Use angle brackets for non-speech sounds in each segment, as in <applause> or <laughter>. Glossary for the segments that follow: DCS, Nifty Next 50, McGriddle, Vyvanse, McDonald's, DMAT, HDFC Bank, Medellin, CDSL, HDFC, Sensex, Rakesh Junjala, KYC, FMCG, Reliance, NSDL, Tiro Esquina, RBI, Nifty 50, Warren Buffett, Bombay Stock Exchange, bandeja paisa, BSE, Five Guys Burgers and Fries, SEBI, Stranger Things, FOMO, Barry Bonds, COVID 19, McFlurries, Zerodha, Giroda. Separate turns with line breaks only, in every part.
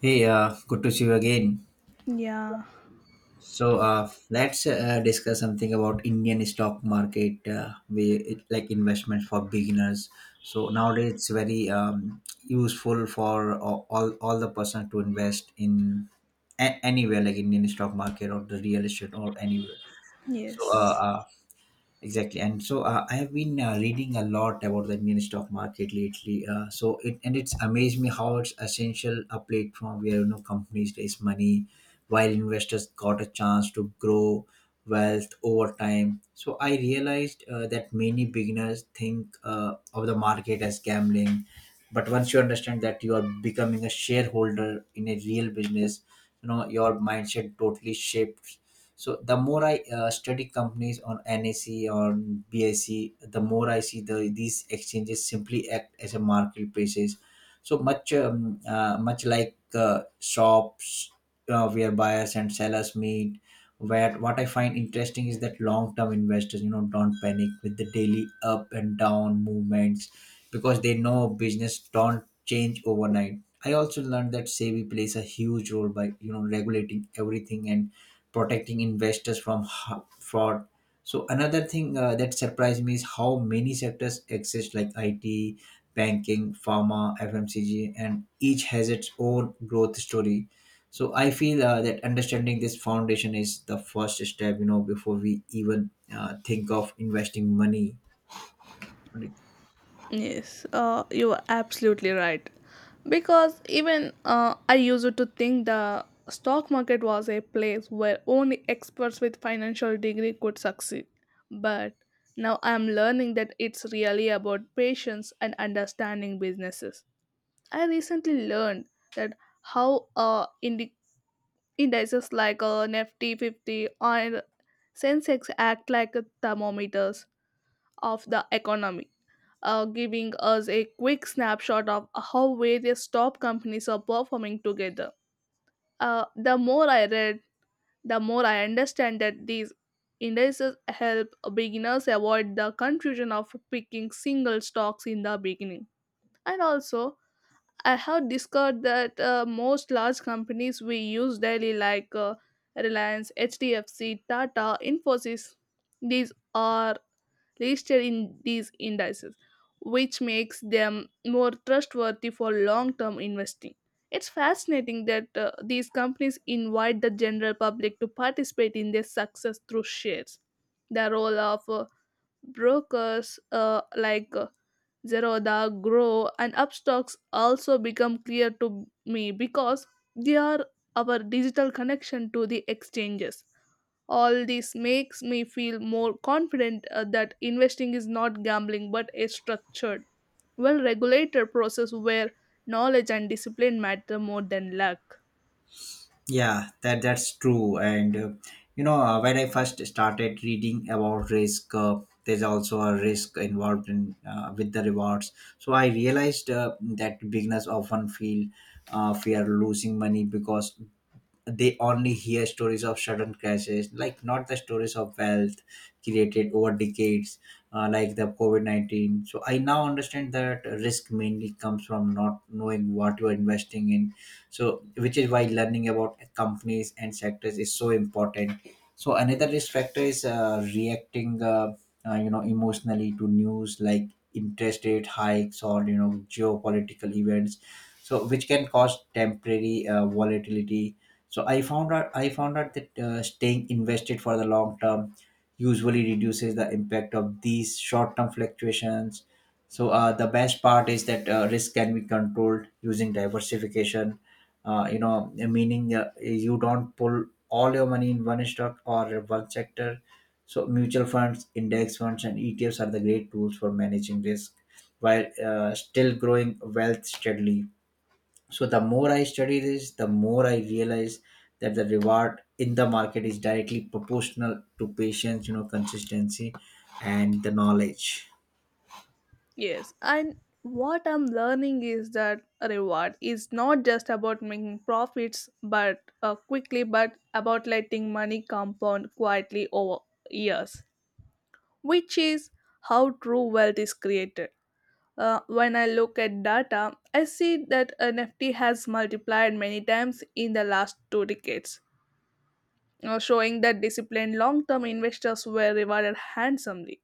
Hey, good to see you again.
Yeah,
Let's discuss something about Indian stock market, like investments for beginners. So nowadays it's very useful for all the person to invest in anywhere like Indian stock market or the real estate or anywhere. So uh,
yes,
uh, Exactly, and so I have been reading a lot about the Indian stock market lately. So it and it's amazed me how it's essential a platform where you know companies raise money, while investors got a chance to grow wealth over time. So I realized that many beginners think of the market as gambling, but once you understand that you are becoming a shareholder in a real business, you know your mindset totally shapes. So the more I study companies on NSE or BSE, the more I see these exchanges simply act as a marketplaces. So much like shops, where buyers and sellers meet. Where what I find interesting is that long-term investors, you know, don't panic with the daily up and down movements because they know business don't change overnight. I also learned that SEBI plays a huge role by you know regulating everything and protecting investors from fraud. So another thing that surprised me is how many sectors exist like IT, banking, pharma, FMCG, and each has its own growth story. So I feel that understanding this foundation is the first step, you know, before we even think of investing money.
yes, you are absolutely right. Because even I used to think the stock market was a place where only experts with financial degree could succeed. But now I'm learning that it's really about patience and understanding businesses. I recently learned that how indices like Nifty 50 or Sensex act like thermometers of the economy, giving us a quick snapshot of how various top companies are performing together. The more I read, the more I understand that these indices help beginners avoid the confusion of picking single stocks in the beginning. And also, I have discovered that most large companies we use daily, like Reliance, HDFC, Tata, Infosys, these are listed in these indices, which makes them more trustworthy for long term investing. It's fascinating that these companies invite the general public to participate in their success through shares. The role of brokers like Zerodha, Grow, and Upstocks also become clear to me because they are our digital connection to the exchanges. All this makes me feel more confident that investing is not gambling but a structured, well regulated process where knowledge and discipline matter more than luck.
Yeah, that's true. And you know, when I first started reading about risk, there's also a risk involved in with the rewards. So I realized that beginners often feel fear losing money because they only hear stories of sudden crashes, like not the stories of wealth created over decades, like the COVID-19. So I now understand that risk mainly comes from not knowing what you're investing in. So, which is why learning about companies and sectors is so important. So, another risk factor is reacting, you know, emotionally to news like interest rate hikes or you know geopolitical events, so which can cause temporary volatility. So I found out that staying invested for the long term usually reduces the impact of these short term fluctuations. So the best part is that risk can be controlled using diversification, you know, meaning you don't pull all your money in one stock or one sector. So mutual funds, index funds, and ETFs are the great tools for managing risk while still growing wealth steadily. So the more I study this, the more I realize that the reward in the market is directly proportional to patience, you know, consistency and the knowledge.
Yes, and what I'm learning is that reward is not just about making profits but quickly but about letting money compound quietly over years, which is how true wealth is created. When I look at data, I see that NFT has multiplied many times in the last two decades, showing that disciplined long term investors were rewarded handsomely.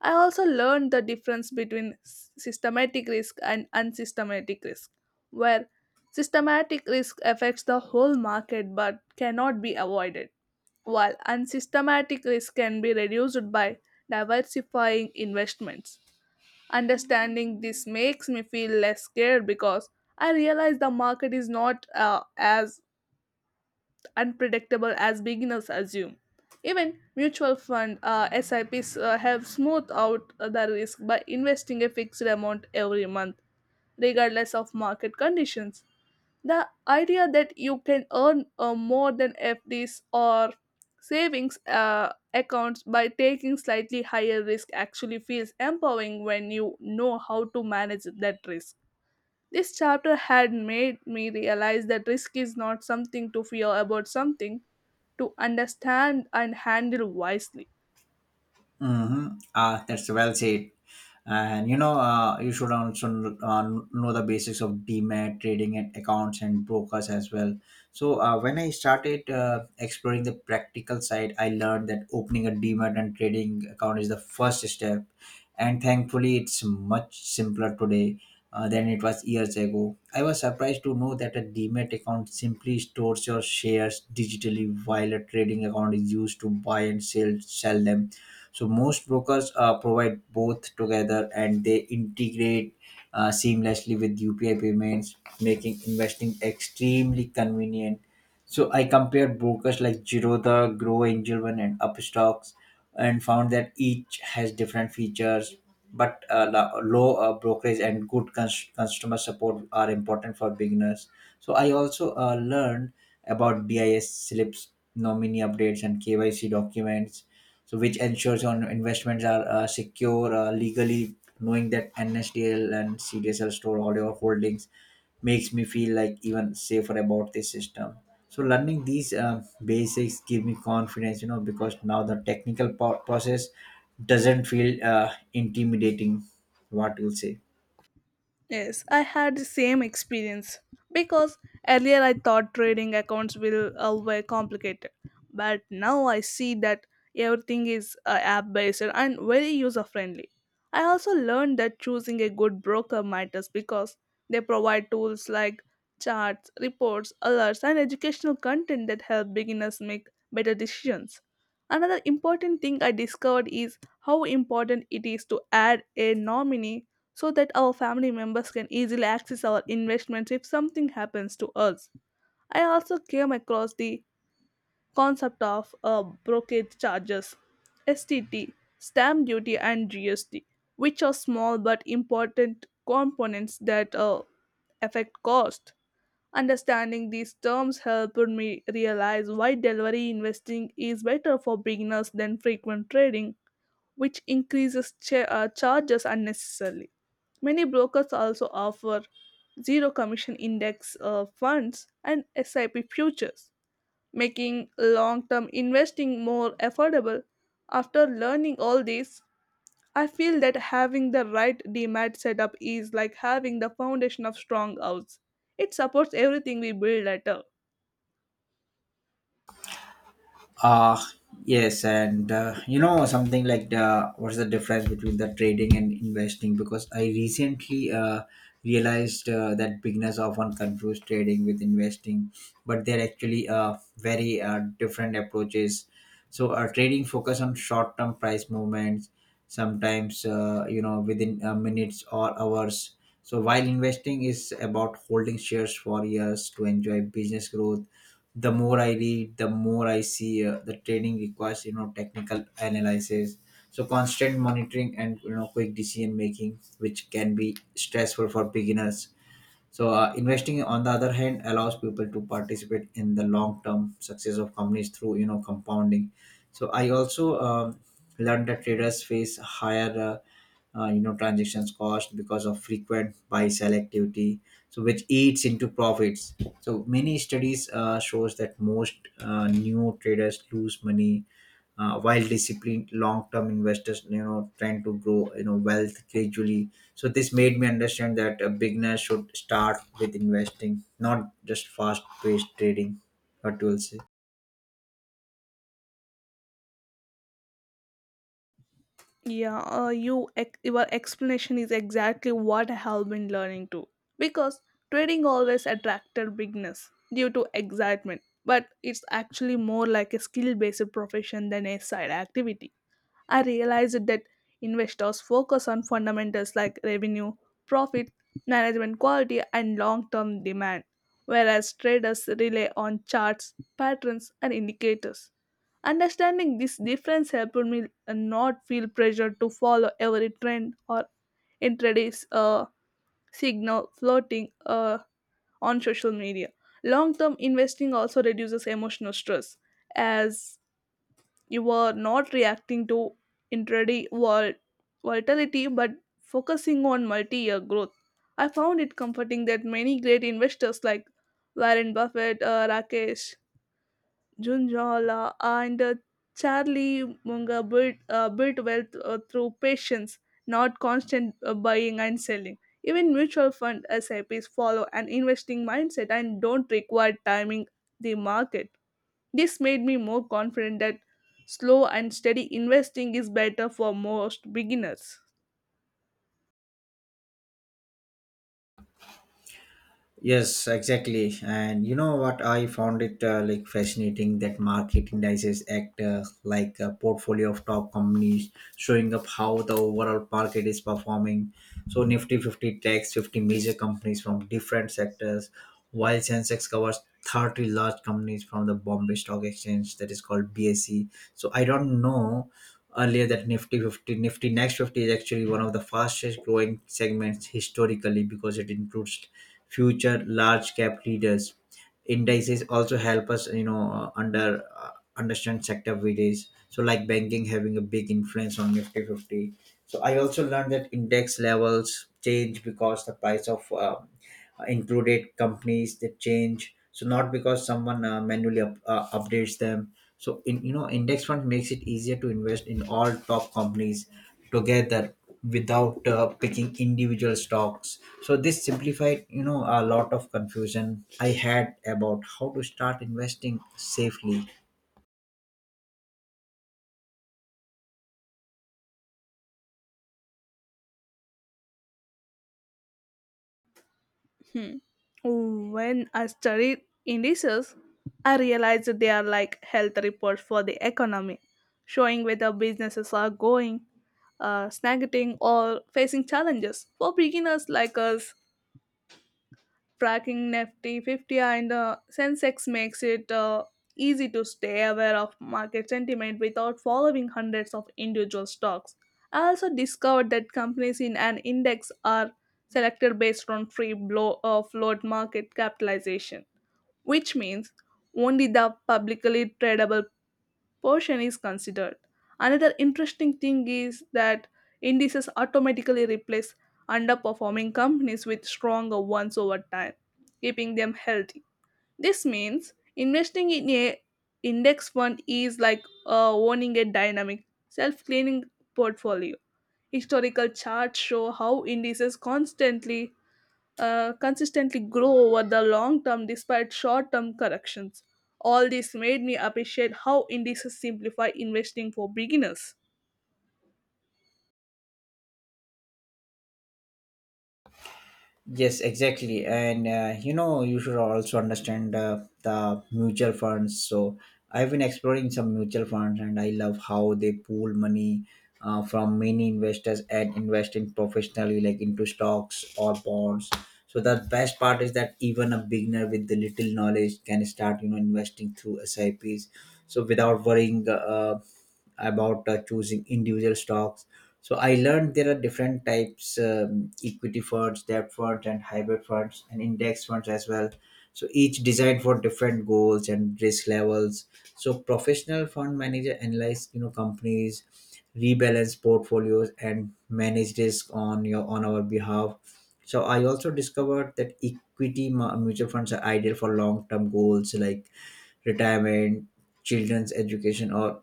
I also learned the difference between systematic risk and unsystematic risk, where systematic risk affects the whole market but cannot be avoided, while unsystematic risk can be reduced by diversifying investments. Understanding this makes me feel less scared because I realize the market is not as unpredictable as beginners assume. Even mutual fund SIPs have smoothed out the risk by investing a fixed amount every month, regardless of market conditions. The idea that you can earn more than FDs or savings accounts by taking slightly higher risk actually feels empowering when you know how to manage that risk. This chapter had made me realize that risk is not something to fear about something to understand and handle wisely.
Mm-hmm. Ah, that's well said. And you know, you should also know the basics of DMAT trading and accounts and brokers as well. So when I started exploring the practical side, I learned that opening a DMAT and trading account is the first step, and thankfully, it's much simpler today. Than it was years ago. I was surprised to know that a DMAT account simply stores your shares digitally while a trading account is used to buy and sell them. So most brokers provide both together and they integrate seamlessly with UPI payments, making investing extremely convenient. So I compared brokers like Giroda, Grow Angel One, and Upstocks, and found that each has different features. But low brokerage and good customer support are important for beginners. So I also learned about DIs slips, nominee updates, and KYC documents, so which ensures on investments are secure legally. Knowing that NSDL and CDSL store all your holdings makes me feel like even safer about this system. So learning these basics give me confidence, you know, because now the technical process doesn't feel intimidating. What you'll say?
Yes, I had the same experience because earlier I thought trading accounts will were complicated, but now I see that everything is app based and very user friendly. I also learned that choosing a good broker matters because they provide tools like charts, reports, alerts, and educational content that help beginners make better decisions. Another important thing I discovered is how important it is to add a nominee so that our family members can easily access our investments if something happens to us. I also came across the concept of brokerage charges, STT, stamp duty, and GST, which are small but important components that affect cost. Understanding these terms helped me realize why delivery investing is better for beginners than frequent trading which increases charges unnecessarily. Many brokers also offer zero commission index funds and SIP futures, making long term investing more affordable. After learning all this, I feel that having the right DMAT setup is like having the foundation of strong house. It supports everything we build later.
Uh, yes, and you know something like the what's the difference between the trading and investing? Because I recently realized that beginners often confuse trading with investing, but they're actually very different approaches. So, trading focus on short-term price movements, sometimes you know within minutes or hours. So, while investing is about holding shares for years to enjoy business growth. The more I read, the more I see the training requires you know technical analysis, so constant monitoring and you know quick decision making, which can be stressful for beginners. So, investing, on the other hand, allows people to participate in the long-term success of companies through, you know, compounding. So, I also learned that traders face higher, you know, transactions cost because of frequent buy selectivity, so which eats into profits. So, many studies shows that most new traders lose money, while disciplined long-term investors, you know, trying to grow, you know, wealth gradually. So this made me understand that a beginner should start with investing, not just fast paced trading. What you will say?
Your explanation is exactly what I have been learning too. Because trading always attracted beginners due to excitement, but it's actually more like a skill-based profession than a side activity. I realized that investors focus on fundamentals like revenue, profit, management quality, and long-term demand, whereas traders rely on charts, patterns, and indicators. Understanding this difference helped me not feel pressure to follow every trend or intraday signal floating on social media. Long term investing also reduces emotional stress as you are not reacting to intraday volatility but focusing on multi year growth. I found it comforting that many great investors like Warren Buffett, Rakesh Junjala, and Charlie munga built wealth through patience, not constant buying and selling. Even mutual fund SIPs follow an investing mindset and don't require timing the market. This made me more confident that slow and steady investing is better for most beginners.
Yes, exactly. And you know what? I found it like fascinating that market indices act like a portfolio of top companies, showing up how the overall market is performing. So Nifty 50 takes 50 major companies from different sectors, while Sensex covers 30 large companies from the Bombay Stock Exchange that is called BSE. So I don't know earlier that Nifty 50, Nifty Next 50 is actually one of the fastest growing segments historically because it includes future large cap leaders. Indices also help us, you know, understand sector videos. So like banking having a big influence on Nifty 50. So I also learned that index levels change because the price of included companies that change, so not because someone manually updates them. So in you know index fund makes it easier to invest in all top companies together without picking individual stocks. So this simplified, you know, a lot of confusion I had about how to start investing safely.
Hmm. When I studied indices, I realized they are like health reports for the economy, showing whether businesses are going, stagnating, or facing challenges. For beginners like us, tracking Nifty 50 and the Sensex makes it easy to stay aware of market sentiment without following hundreds of individual stocks. I also discovered that companies in an index are selected based on float market capitalization, which means only the publicly tradable portion is considered. Another interesting thing is that indices automatically replace underperforming companies with stronger ones over time, keeping them healthy. This means investing in a index fund is like owning a dynamic, self-cleaning portfolio. Historical charts show how indices constantly consistently grow over the long term despite short term corrections. All this made me appreciate how indices simplify investing for beginners.
Yes, exactly. And you know, you should also understand the mutual funds. So I've been exploring some mutual funds and I love how they pool money from many investors and investing professionally, like into stocks or bonds. So the best part is that even a beginner with the little knowledge can start, you know, investing through SIPs. So without worrying about choosing individual stocks. So I learned there are different types: equity funds, debt funds, and hybrid funds, and index funds as well. So each designed for different goals and risk levels. So professional fund manager analyze you know companies, rebalance portfolios, and manage risk on your on our behalf. So I also discovered that equity mutual funds are ideal for long term goals like retirement, children's education, or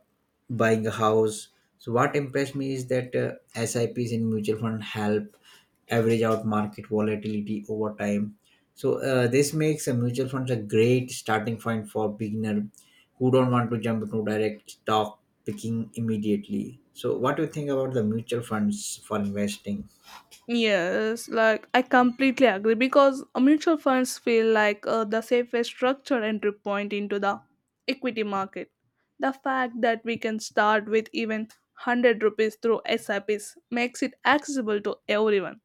buying a house. So what impressed me is that SIPs in mutual fund help average out market volatility over time. So this makes a mutual funds a great starting point for beginner who don't want to jump into direct stock picking immediately. So what do you think about the mutual funds for investing?
Yes, like I completely agree because mutual funds feel like the safest structure entry point into the equity market. The fact that we can start with even 100 rupees through SIPs makes it accessible to everyone.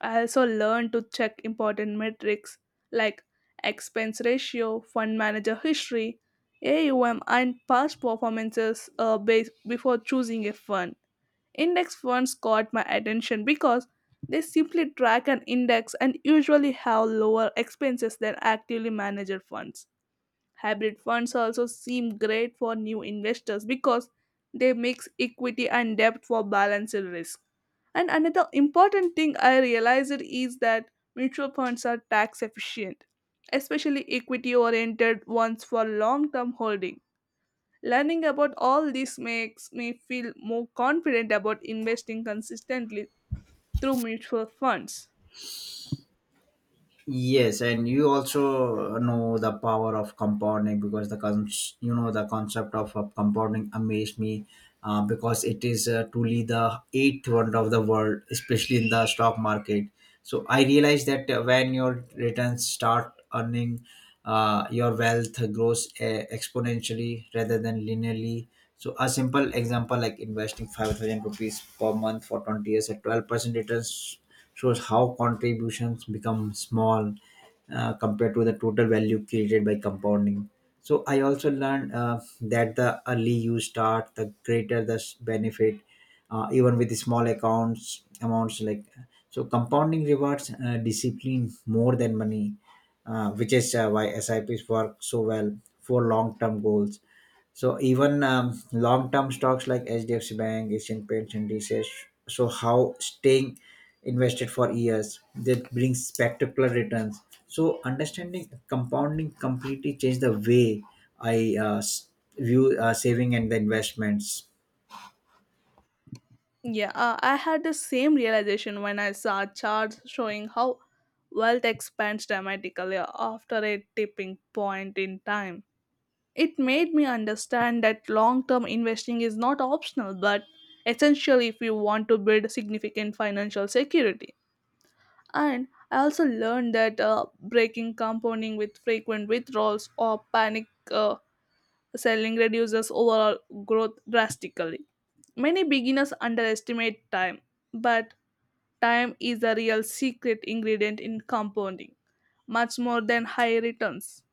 I also learned to check important metrics like expense ratio, fund manager history, AUM, and past performances base before choosing a fund. Index funds caught my attention because they simply track an index and usually have lower expenses than actively managed funds. Hybrid funds also seem great for new investors because they mix equity and debt for balanced risk. And another important thing I realized is that mutual funds are tax efficient, especially equity oriented ones for long term holding. Learning about all this makes me feel more confident about investing consistently through mutual funds.
Yes, and you also know the power of compounding because the you know the concept of compounding amazed me because it is truly the eighth wonder of the world, especially in the stock market. So I realized that when your returns start earning, your wealth grows exponentially rather than linearly. So a simple example like investing 5,000 rupees per month for 20 years at 12% returns shows how contributions become small compared to the total value created by compounding. So I also learned that the early you start, the greater the benefit, even with the small accounts amounts like. So compounding rewards discipline more than money, which is why SIPs work so well for long-term goals. So even long-term stocks like HDFC Bank, Asian Paints, and DCS show how staying invested for years that brings spectacular returns. So understanding compounding completely changed the way I view saving and the investments.
Yeah, I had the same realization when I saw charts showing how wealth expands dramatically after a tipping point in time. It made me understand that long term investing is not optional but essential if you want to build significant financial security. And I also learned that breaking compounding with frequent withdrawals or panic. Selling reduces overall growth drastically. Many beginners underestimate time, but time is the real secret ingredient in compounding, much more than high returns.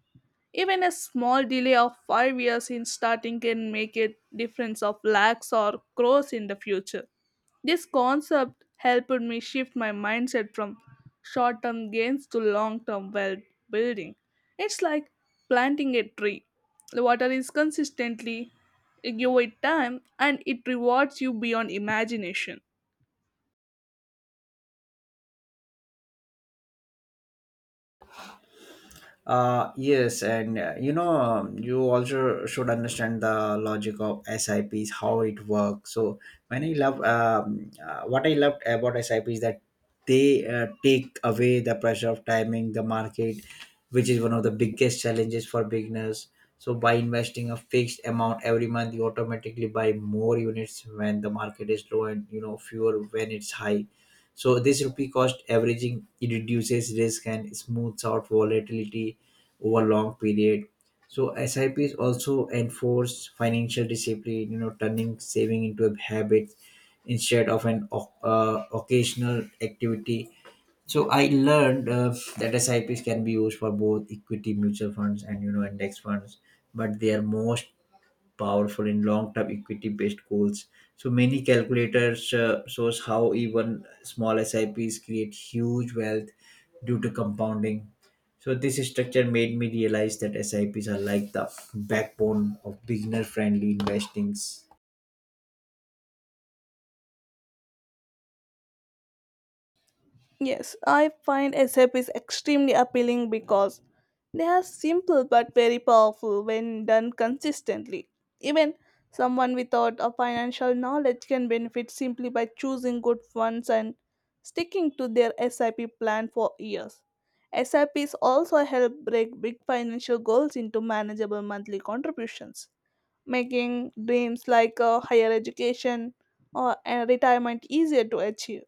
Even a small delay of 5 years in starting can make a difference of lakhs or crores in the future. This concept helped me shift my mindset from short term gains to long term wealth building. It's like planting a tree. The water is consistently, you give it time, and it rewards you beyond imagination.
Yes, and you know, you also should understand the logic of SIPs, how it works. So, when I love what I loved about SIPs that they take away the pressure of timing the market, which is one of the biggest challenges for beginners. So, by investing a fixed amount every month, you automatically buy more units when the market is low and you know fewer when it's high. So this rupee cost averaging it reduces risk and smooths out volatility over long period. So SIPs also enforce financial discipline, you know, turning saving into a habit instead of an occasional activity. So I learned that SIPs can be used for both equity mutual funds and you know index funds, but they are most powerful in long-term equity-based goals. So many calculators shows how even small SIPs create huge wealth due to compounding. So this structure made me realize that SIPs are like the backbone of beginner-friendly investings.
Yes, I find SAP is extremely appealing because they are simple but very powerful when done consistently. Even someone without a financial knowledge can benefit simply by choosing good funds and sticking to their SIP plan for years. SIPs also help break big financial goals into manageable monthly contributions, making dreams like a higher education or a retirement easier to achieve.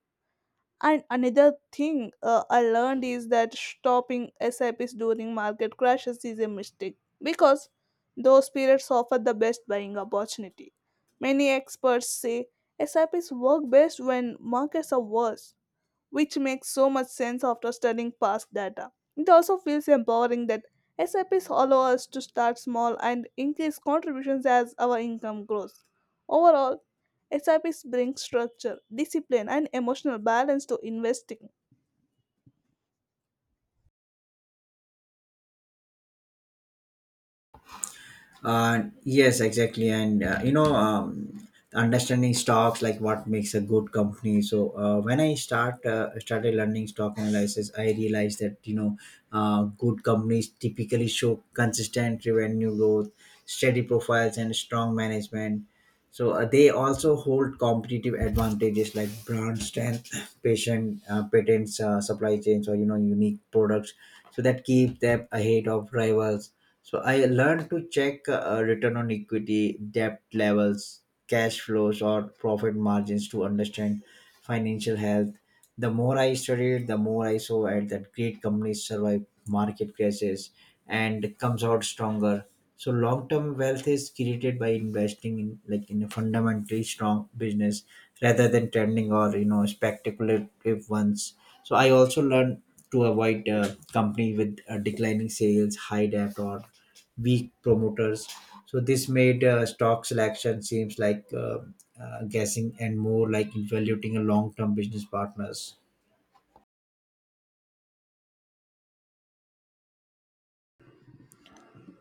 And another thing I learned is that stopping SIPs during market crashes is a mistake because those periods offer the best buying opportunity. Many experts say SIPs work best when markets are worse, which makes so much sense after studying past data. It also feels empowering that SIPs allow us to start small and increase contributions as our income grows. Overall, SIPs bring structure, discipline, and emotional balance to investing.
Yes, exactly, and you know, understanding stocks like what makes a good company. So when I started learning stock analysis, I realized that you know, good companies typically show consistent revenue growth, steady profiles, and strong management. So they also hold competitive advantages like brand strength, <coughs> <clears throat> patient patents, supply chains, or you know, unique products, so that keep them ahead of rivals. So I learned to check return on equity, debt levels, cash flows, or profit margins to understand financial health. The more I studied, the more I saw at that great companies survive market crashes and comes out stronger. So long-term wealth is created by investing in like in a fundamentally strong business rather than trending or you know speculative ones. So I also learned to avoid company with declining sales, high debt, or weak promoters. So this made stock selection seems like guessing and more like evaluating a long-term business partners.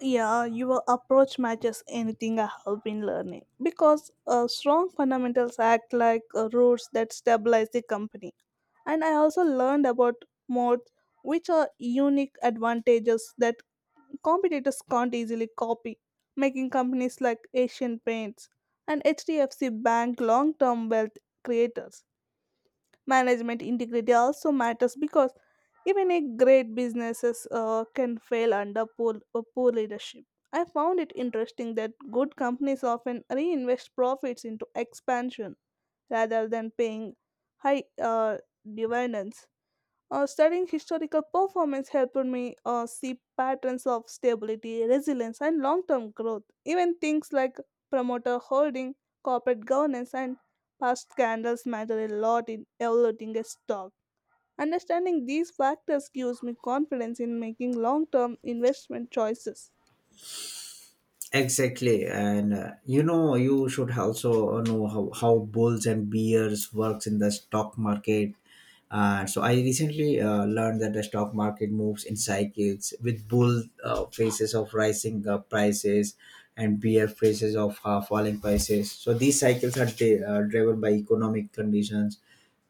Yeah, your approach matches anything I have been learning because strong fundamentals act like roots that stabilize the company. And I also learned about modes which are unique advantages that competitors can't easily copy, making companies like Asian Paints and HDFC Bank long-term wealth creators. Management integrity also matters because even a great businesses can fail under poor, poor leadership. I found it interesting that good companies often reinvest profits into expansion rather than paying high uh, dividends. Uh, studying historical performance helped me see patterns of stability, resilience, and long term growth. Even things like promoter holding, corporate governance, and past scandals matter a lot in evaluating a stock. Understanding these factors gives me confidence in making long term investment choices.
Exactly, and you know you should also know how bulls and bears works in the stock market. So I recently learned that the stock market moves in cycles with bull phases of rising prices and bear phases of falling prices. So these cycles are driven by economic conditions,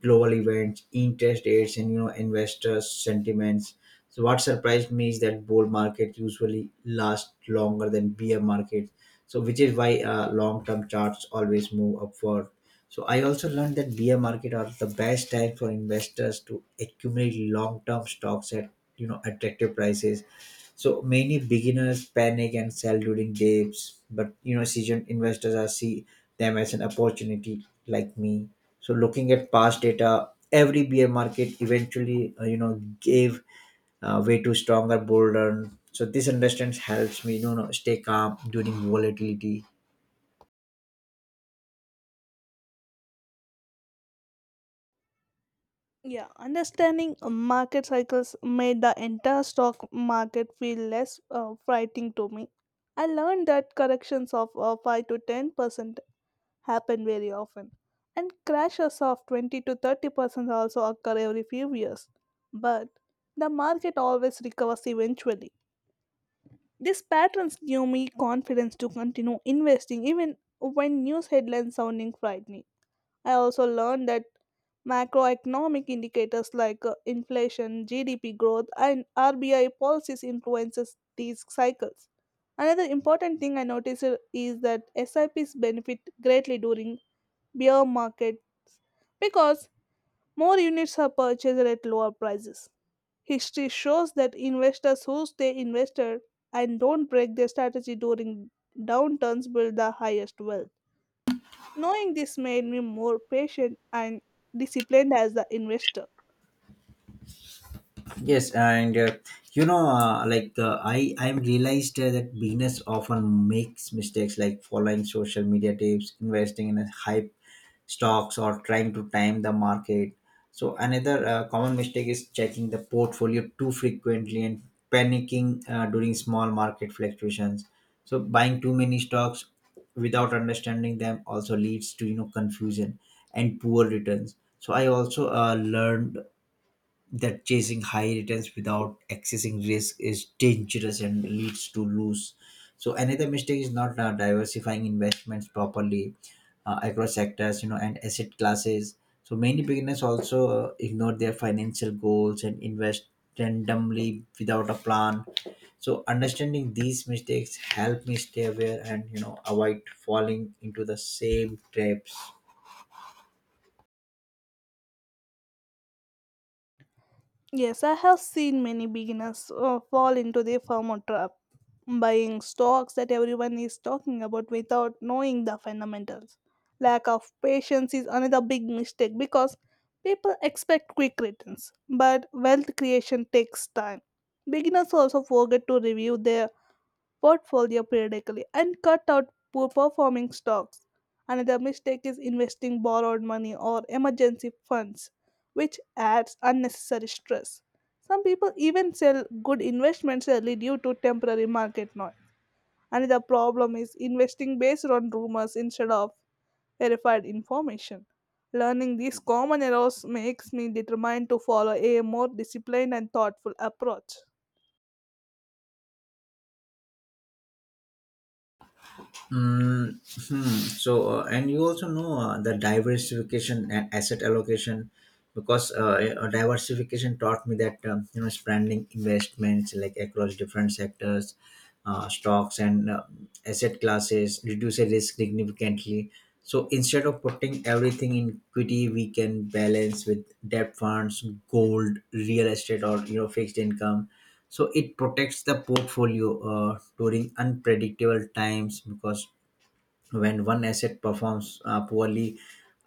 global events, interest rates, and you know investors' sentiments. So what surprised me is that bull markets usually last longer than bear markets, so which is why long-term charts always move upward. So I also learned that bear market are the best time for investors to accumulate long-term stocks at you know attractive prices, so many beginners panic and sell during dips, but you know, seasoned investors are see them as an opportunity, like me. So looking at past data, every bear market eventually, you know, gave way to stronger bull run. So this understanding helps me, you know, stay calm during volatility.
Yeah, understanding market cycles made the entire stock market feel less frightening to me. I learned that corrections of 5 to 10% happen very often, and crashes of 20 to 30% also occur every few years. But the market always recovers eventually. These patterns give me confidence to continue investing even when news headlines sounding frightening. I also learned that macroeconomic indicators like inflation, GDP growth, and RBI policies influences these cycles. Another important thing I noticed is that SIPs benefit greatly during beer markets because more units are purchased at lower prices. History shows that investors who stay invested and don't break their strategy during downturns build the highest wealth. Knowing this made me more patient and disciplined as an investor.
Yes, and you know, I'm realized that beginners often makes mistakes like following social media tips, investing in a hype stocks, or trying to time the market. So another common mistake is checking the portfolio too frequently and panicking during small market fluctuations. So buying too many stocks without understanding them also leads to you know confusion and poor returns. So I also learned that chasing high returns without accessing risk is dangerous and leads to lose. So another mistake is not diversifying investments properly across sectors, you know, and asset classes. So many beginners also ignore their financial goals and invest randomly without a plan. So understanding these mistakes help me stay aware and you know avoid falling into the same traps.
Yes, I have seen many beginners fall into the FOMO trap, buying stocks that everyone is talking about without knowing the fundamentals. Lack of patience is another big mistake because people expect quick returns, but wealth creation takes time. Beginners also forget to review their portfolio periodically and cut out poor performing stocks. Another mistake is investing borrowed money or emergency funds, which adds unnecessary stress. Some people even sell good investments early due to temporary market noise. Another problem is investing based on rumors instead of verified information. Learning these common errors makes me determined to follow a more disciplined and thoughtful approach.
Mm, hmm. So, and you also know the diversification and asset allocation because diversification taught me that you know spreading investments like across different sectors, stocks and asset classes reduces risk significantly. So instead of putting everything in equity, we can balance with debt funds, gold, real estate, or you know fixed income, so it protects the portfolio during unpredictable times because when one asset performs poorly,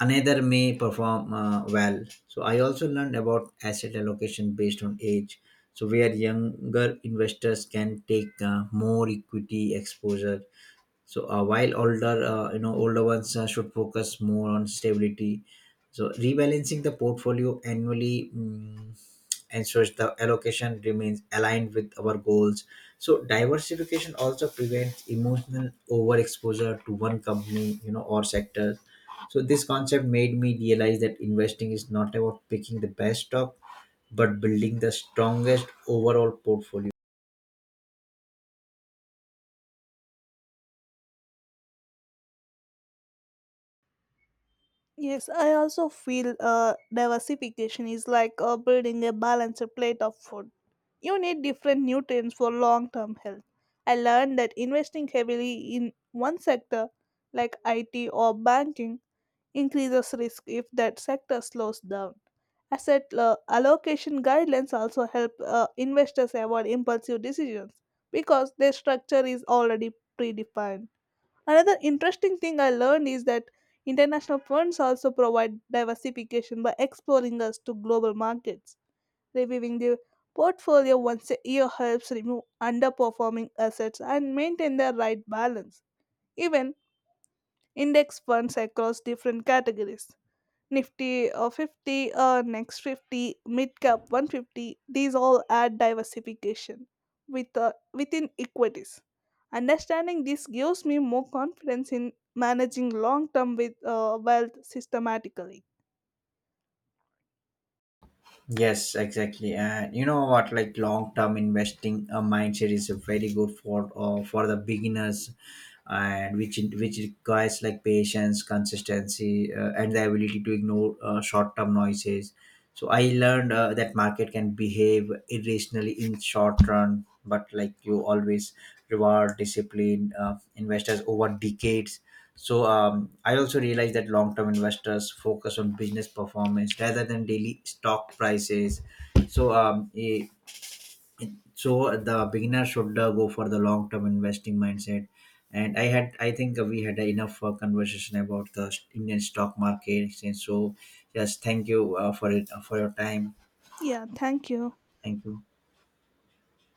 another may perform well. So I also learned about asset allocation based on age, so where younger investors can take more equity exposure, so while older you know older ones should focus more on stability. So rebalancing the portfolio annually ensures the allocation remains aligned with our goals. So diversification also prevents emotional overexposure to one company you know or sector. So this concept made me realize that investing is not about picking the best stock but building the strongest overall portfolio.
Yes, I also feel diversification is like building a balanced plate of food. You need different nutrients for long term health. I learned that investing heavily in one sector, like IT or banking, increases risk if that sector slows down. Asset allocation guidelines also help investors avoid impulsive decisions because their structure is already predefined. Another interesting thing I learned is that international funds also provide diversification by exposing us to global markets. Reviewing the portfolio once a year helps remove underperforming assets and maintain the right balance. Even index funds across different categories Nifty 50, next 50, mid cap 150, these all add diversification within equities. Understanding this gives me more confidence in managing long term with wealth systematically.
Yes, exactly. And you know what? Like long term investing mindset is very good for the beginners, and which requires like patience, consistency, and the ability to ignore short term noises. So I learned that market can behave irrationally in short run, but like you always reward discipline investors over decades. So I also realized that long-term investors focus on business performance rather than daily stock prices. So um, eh, so the beginner should go for the long-term investing mindset. And I think we had enough conversation about the Indian stock market. So yes, thank you for your time.
Yeah, thank you.
Thank you.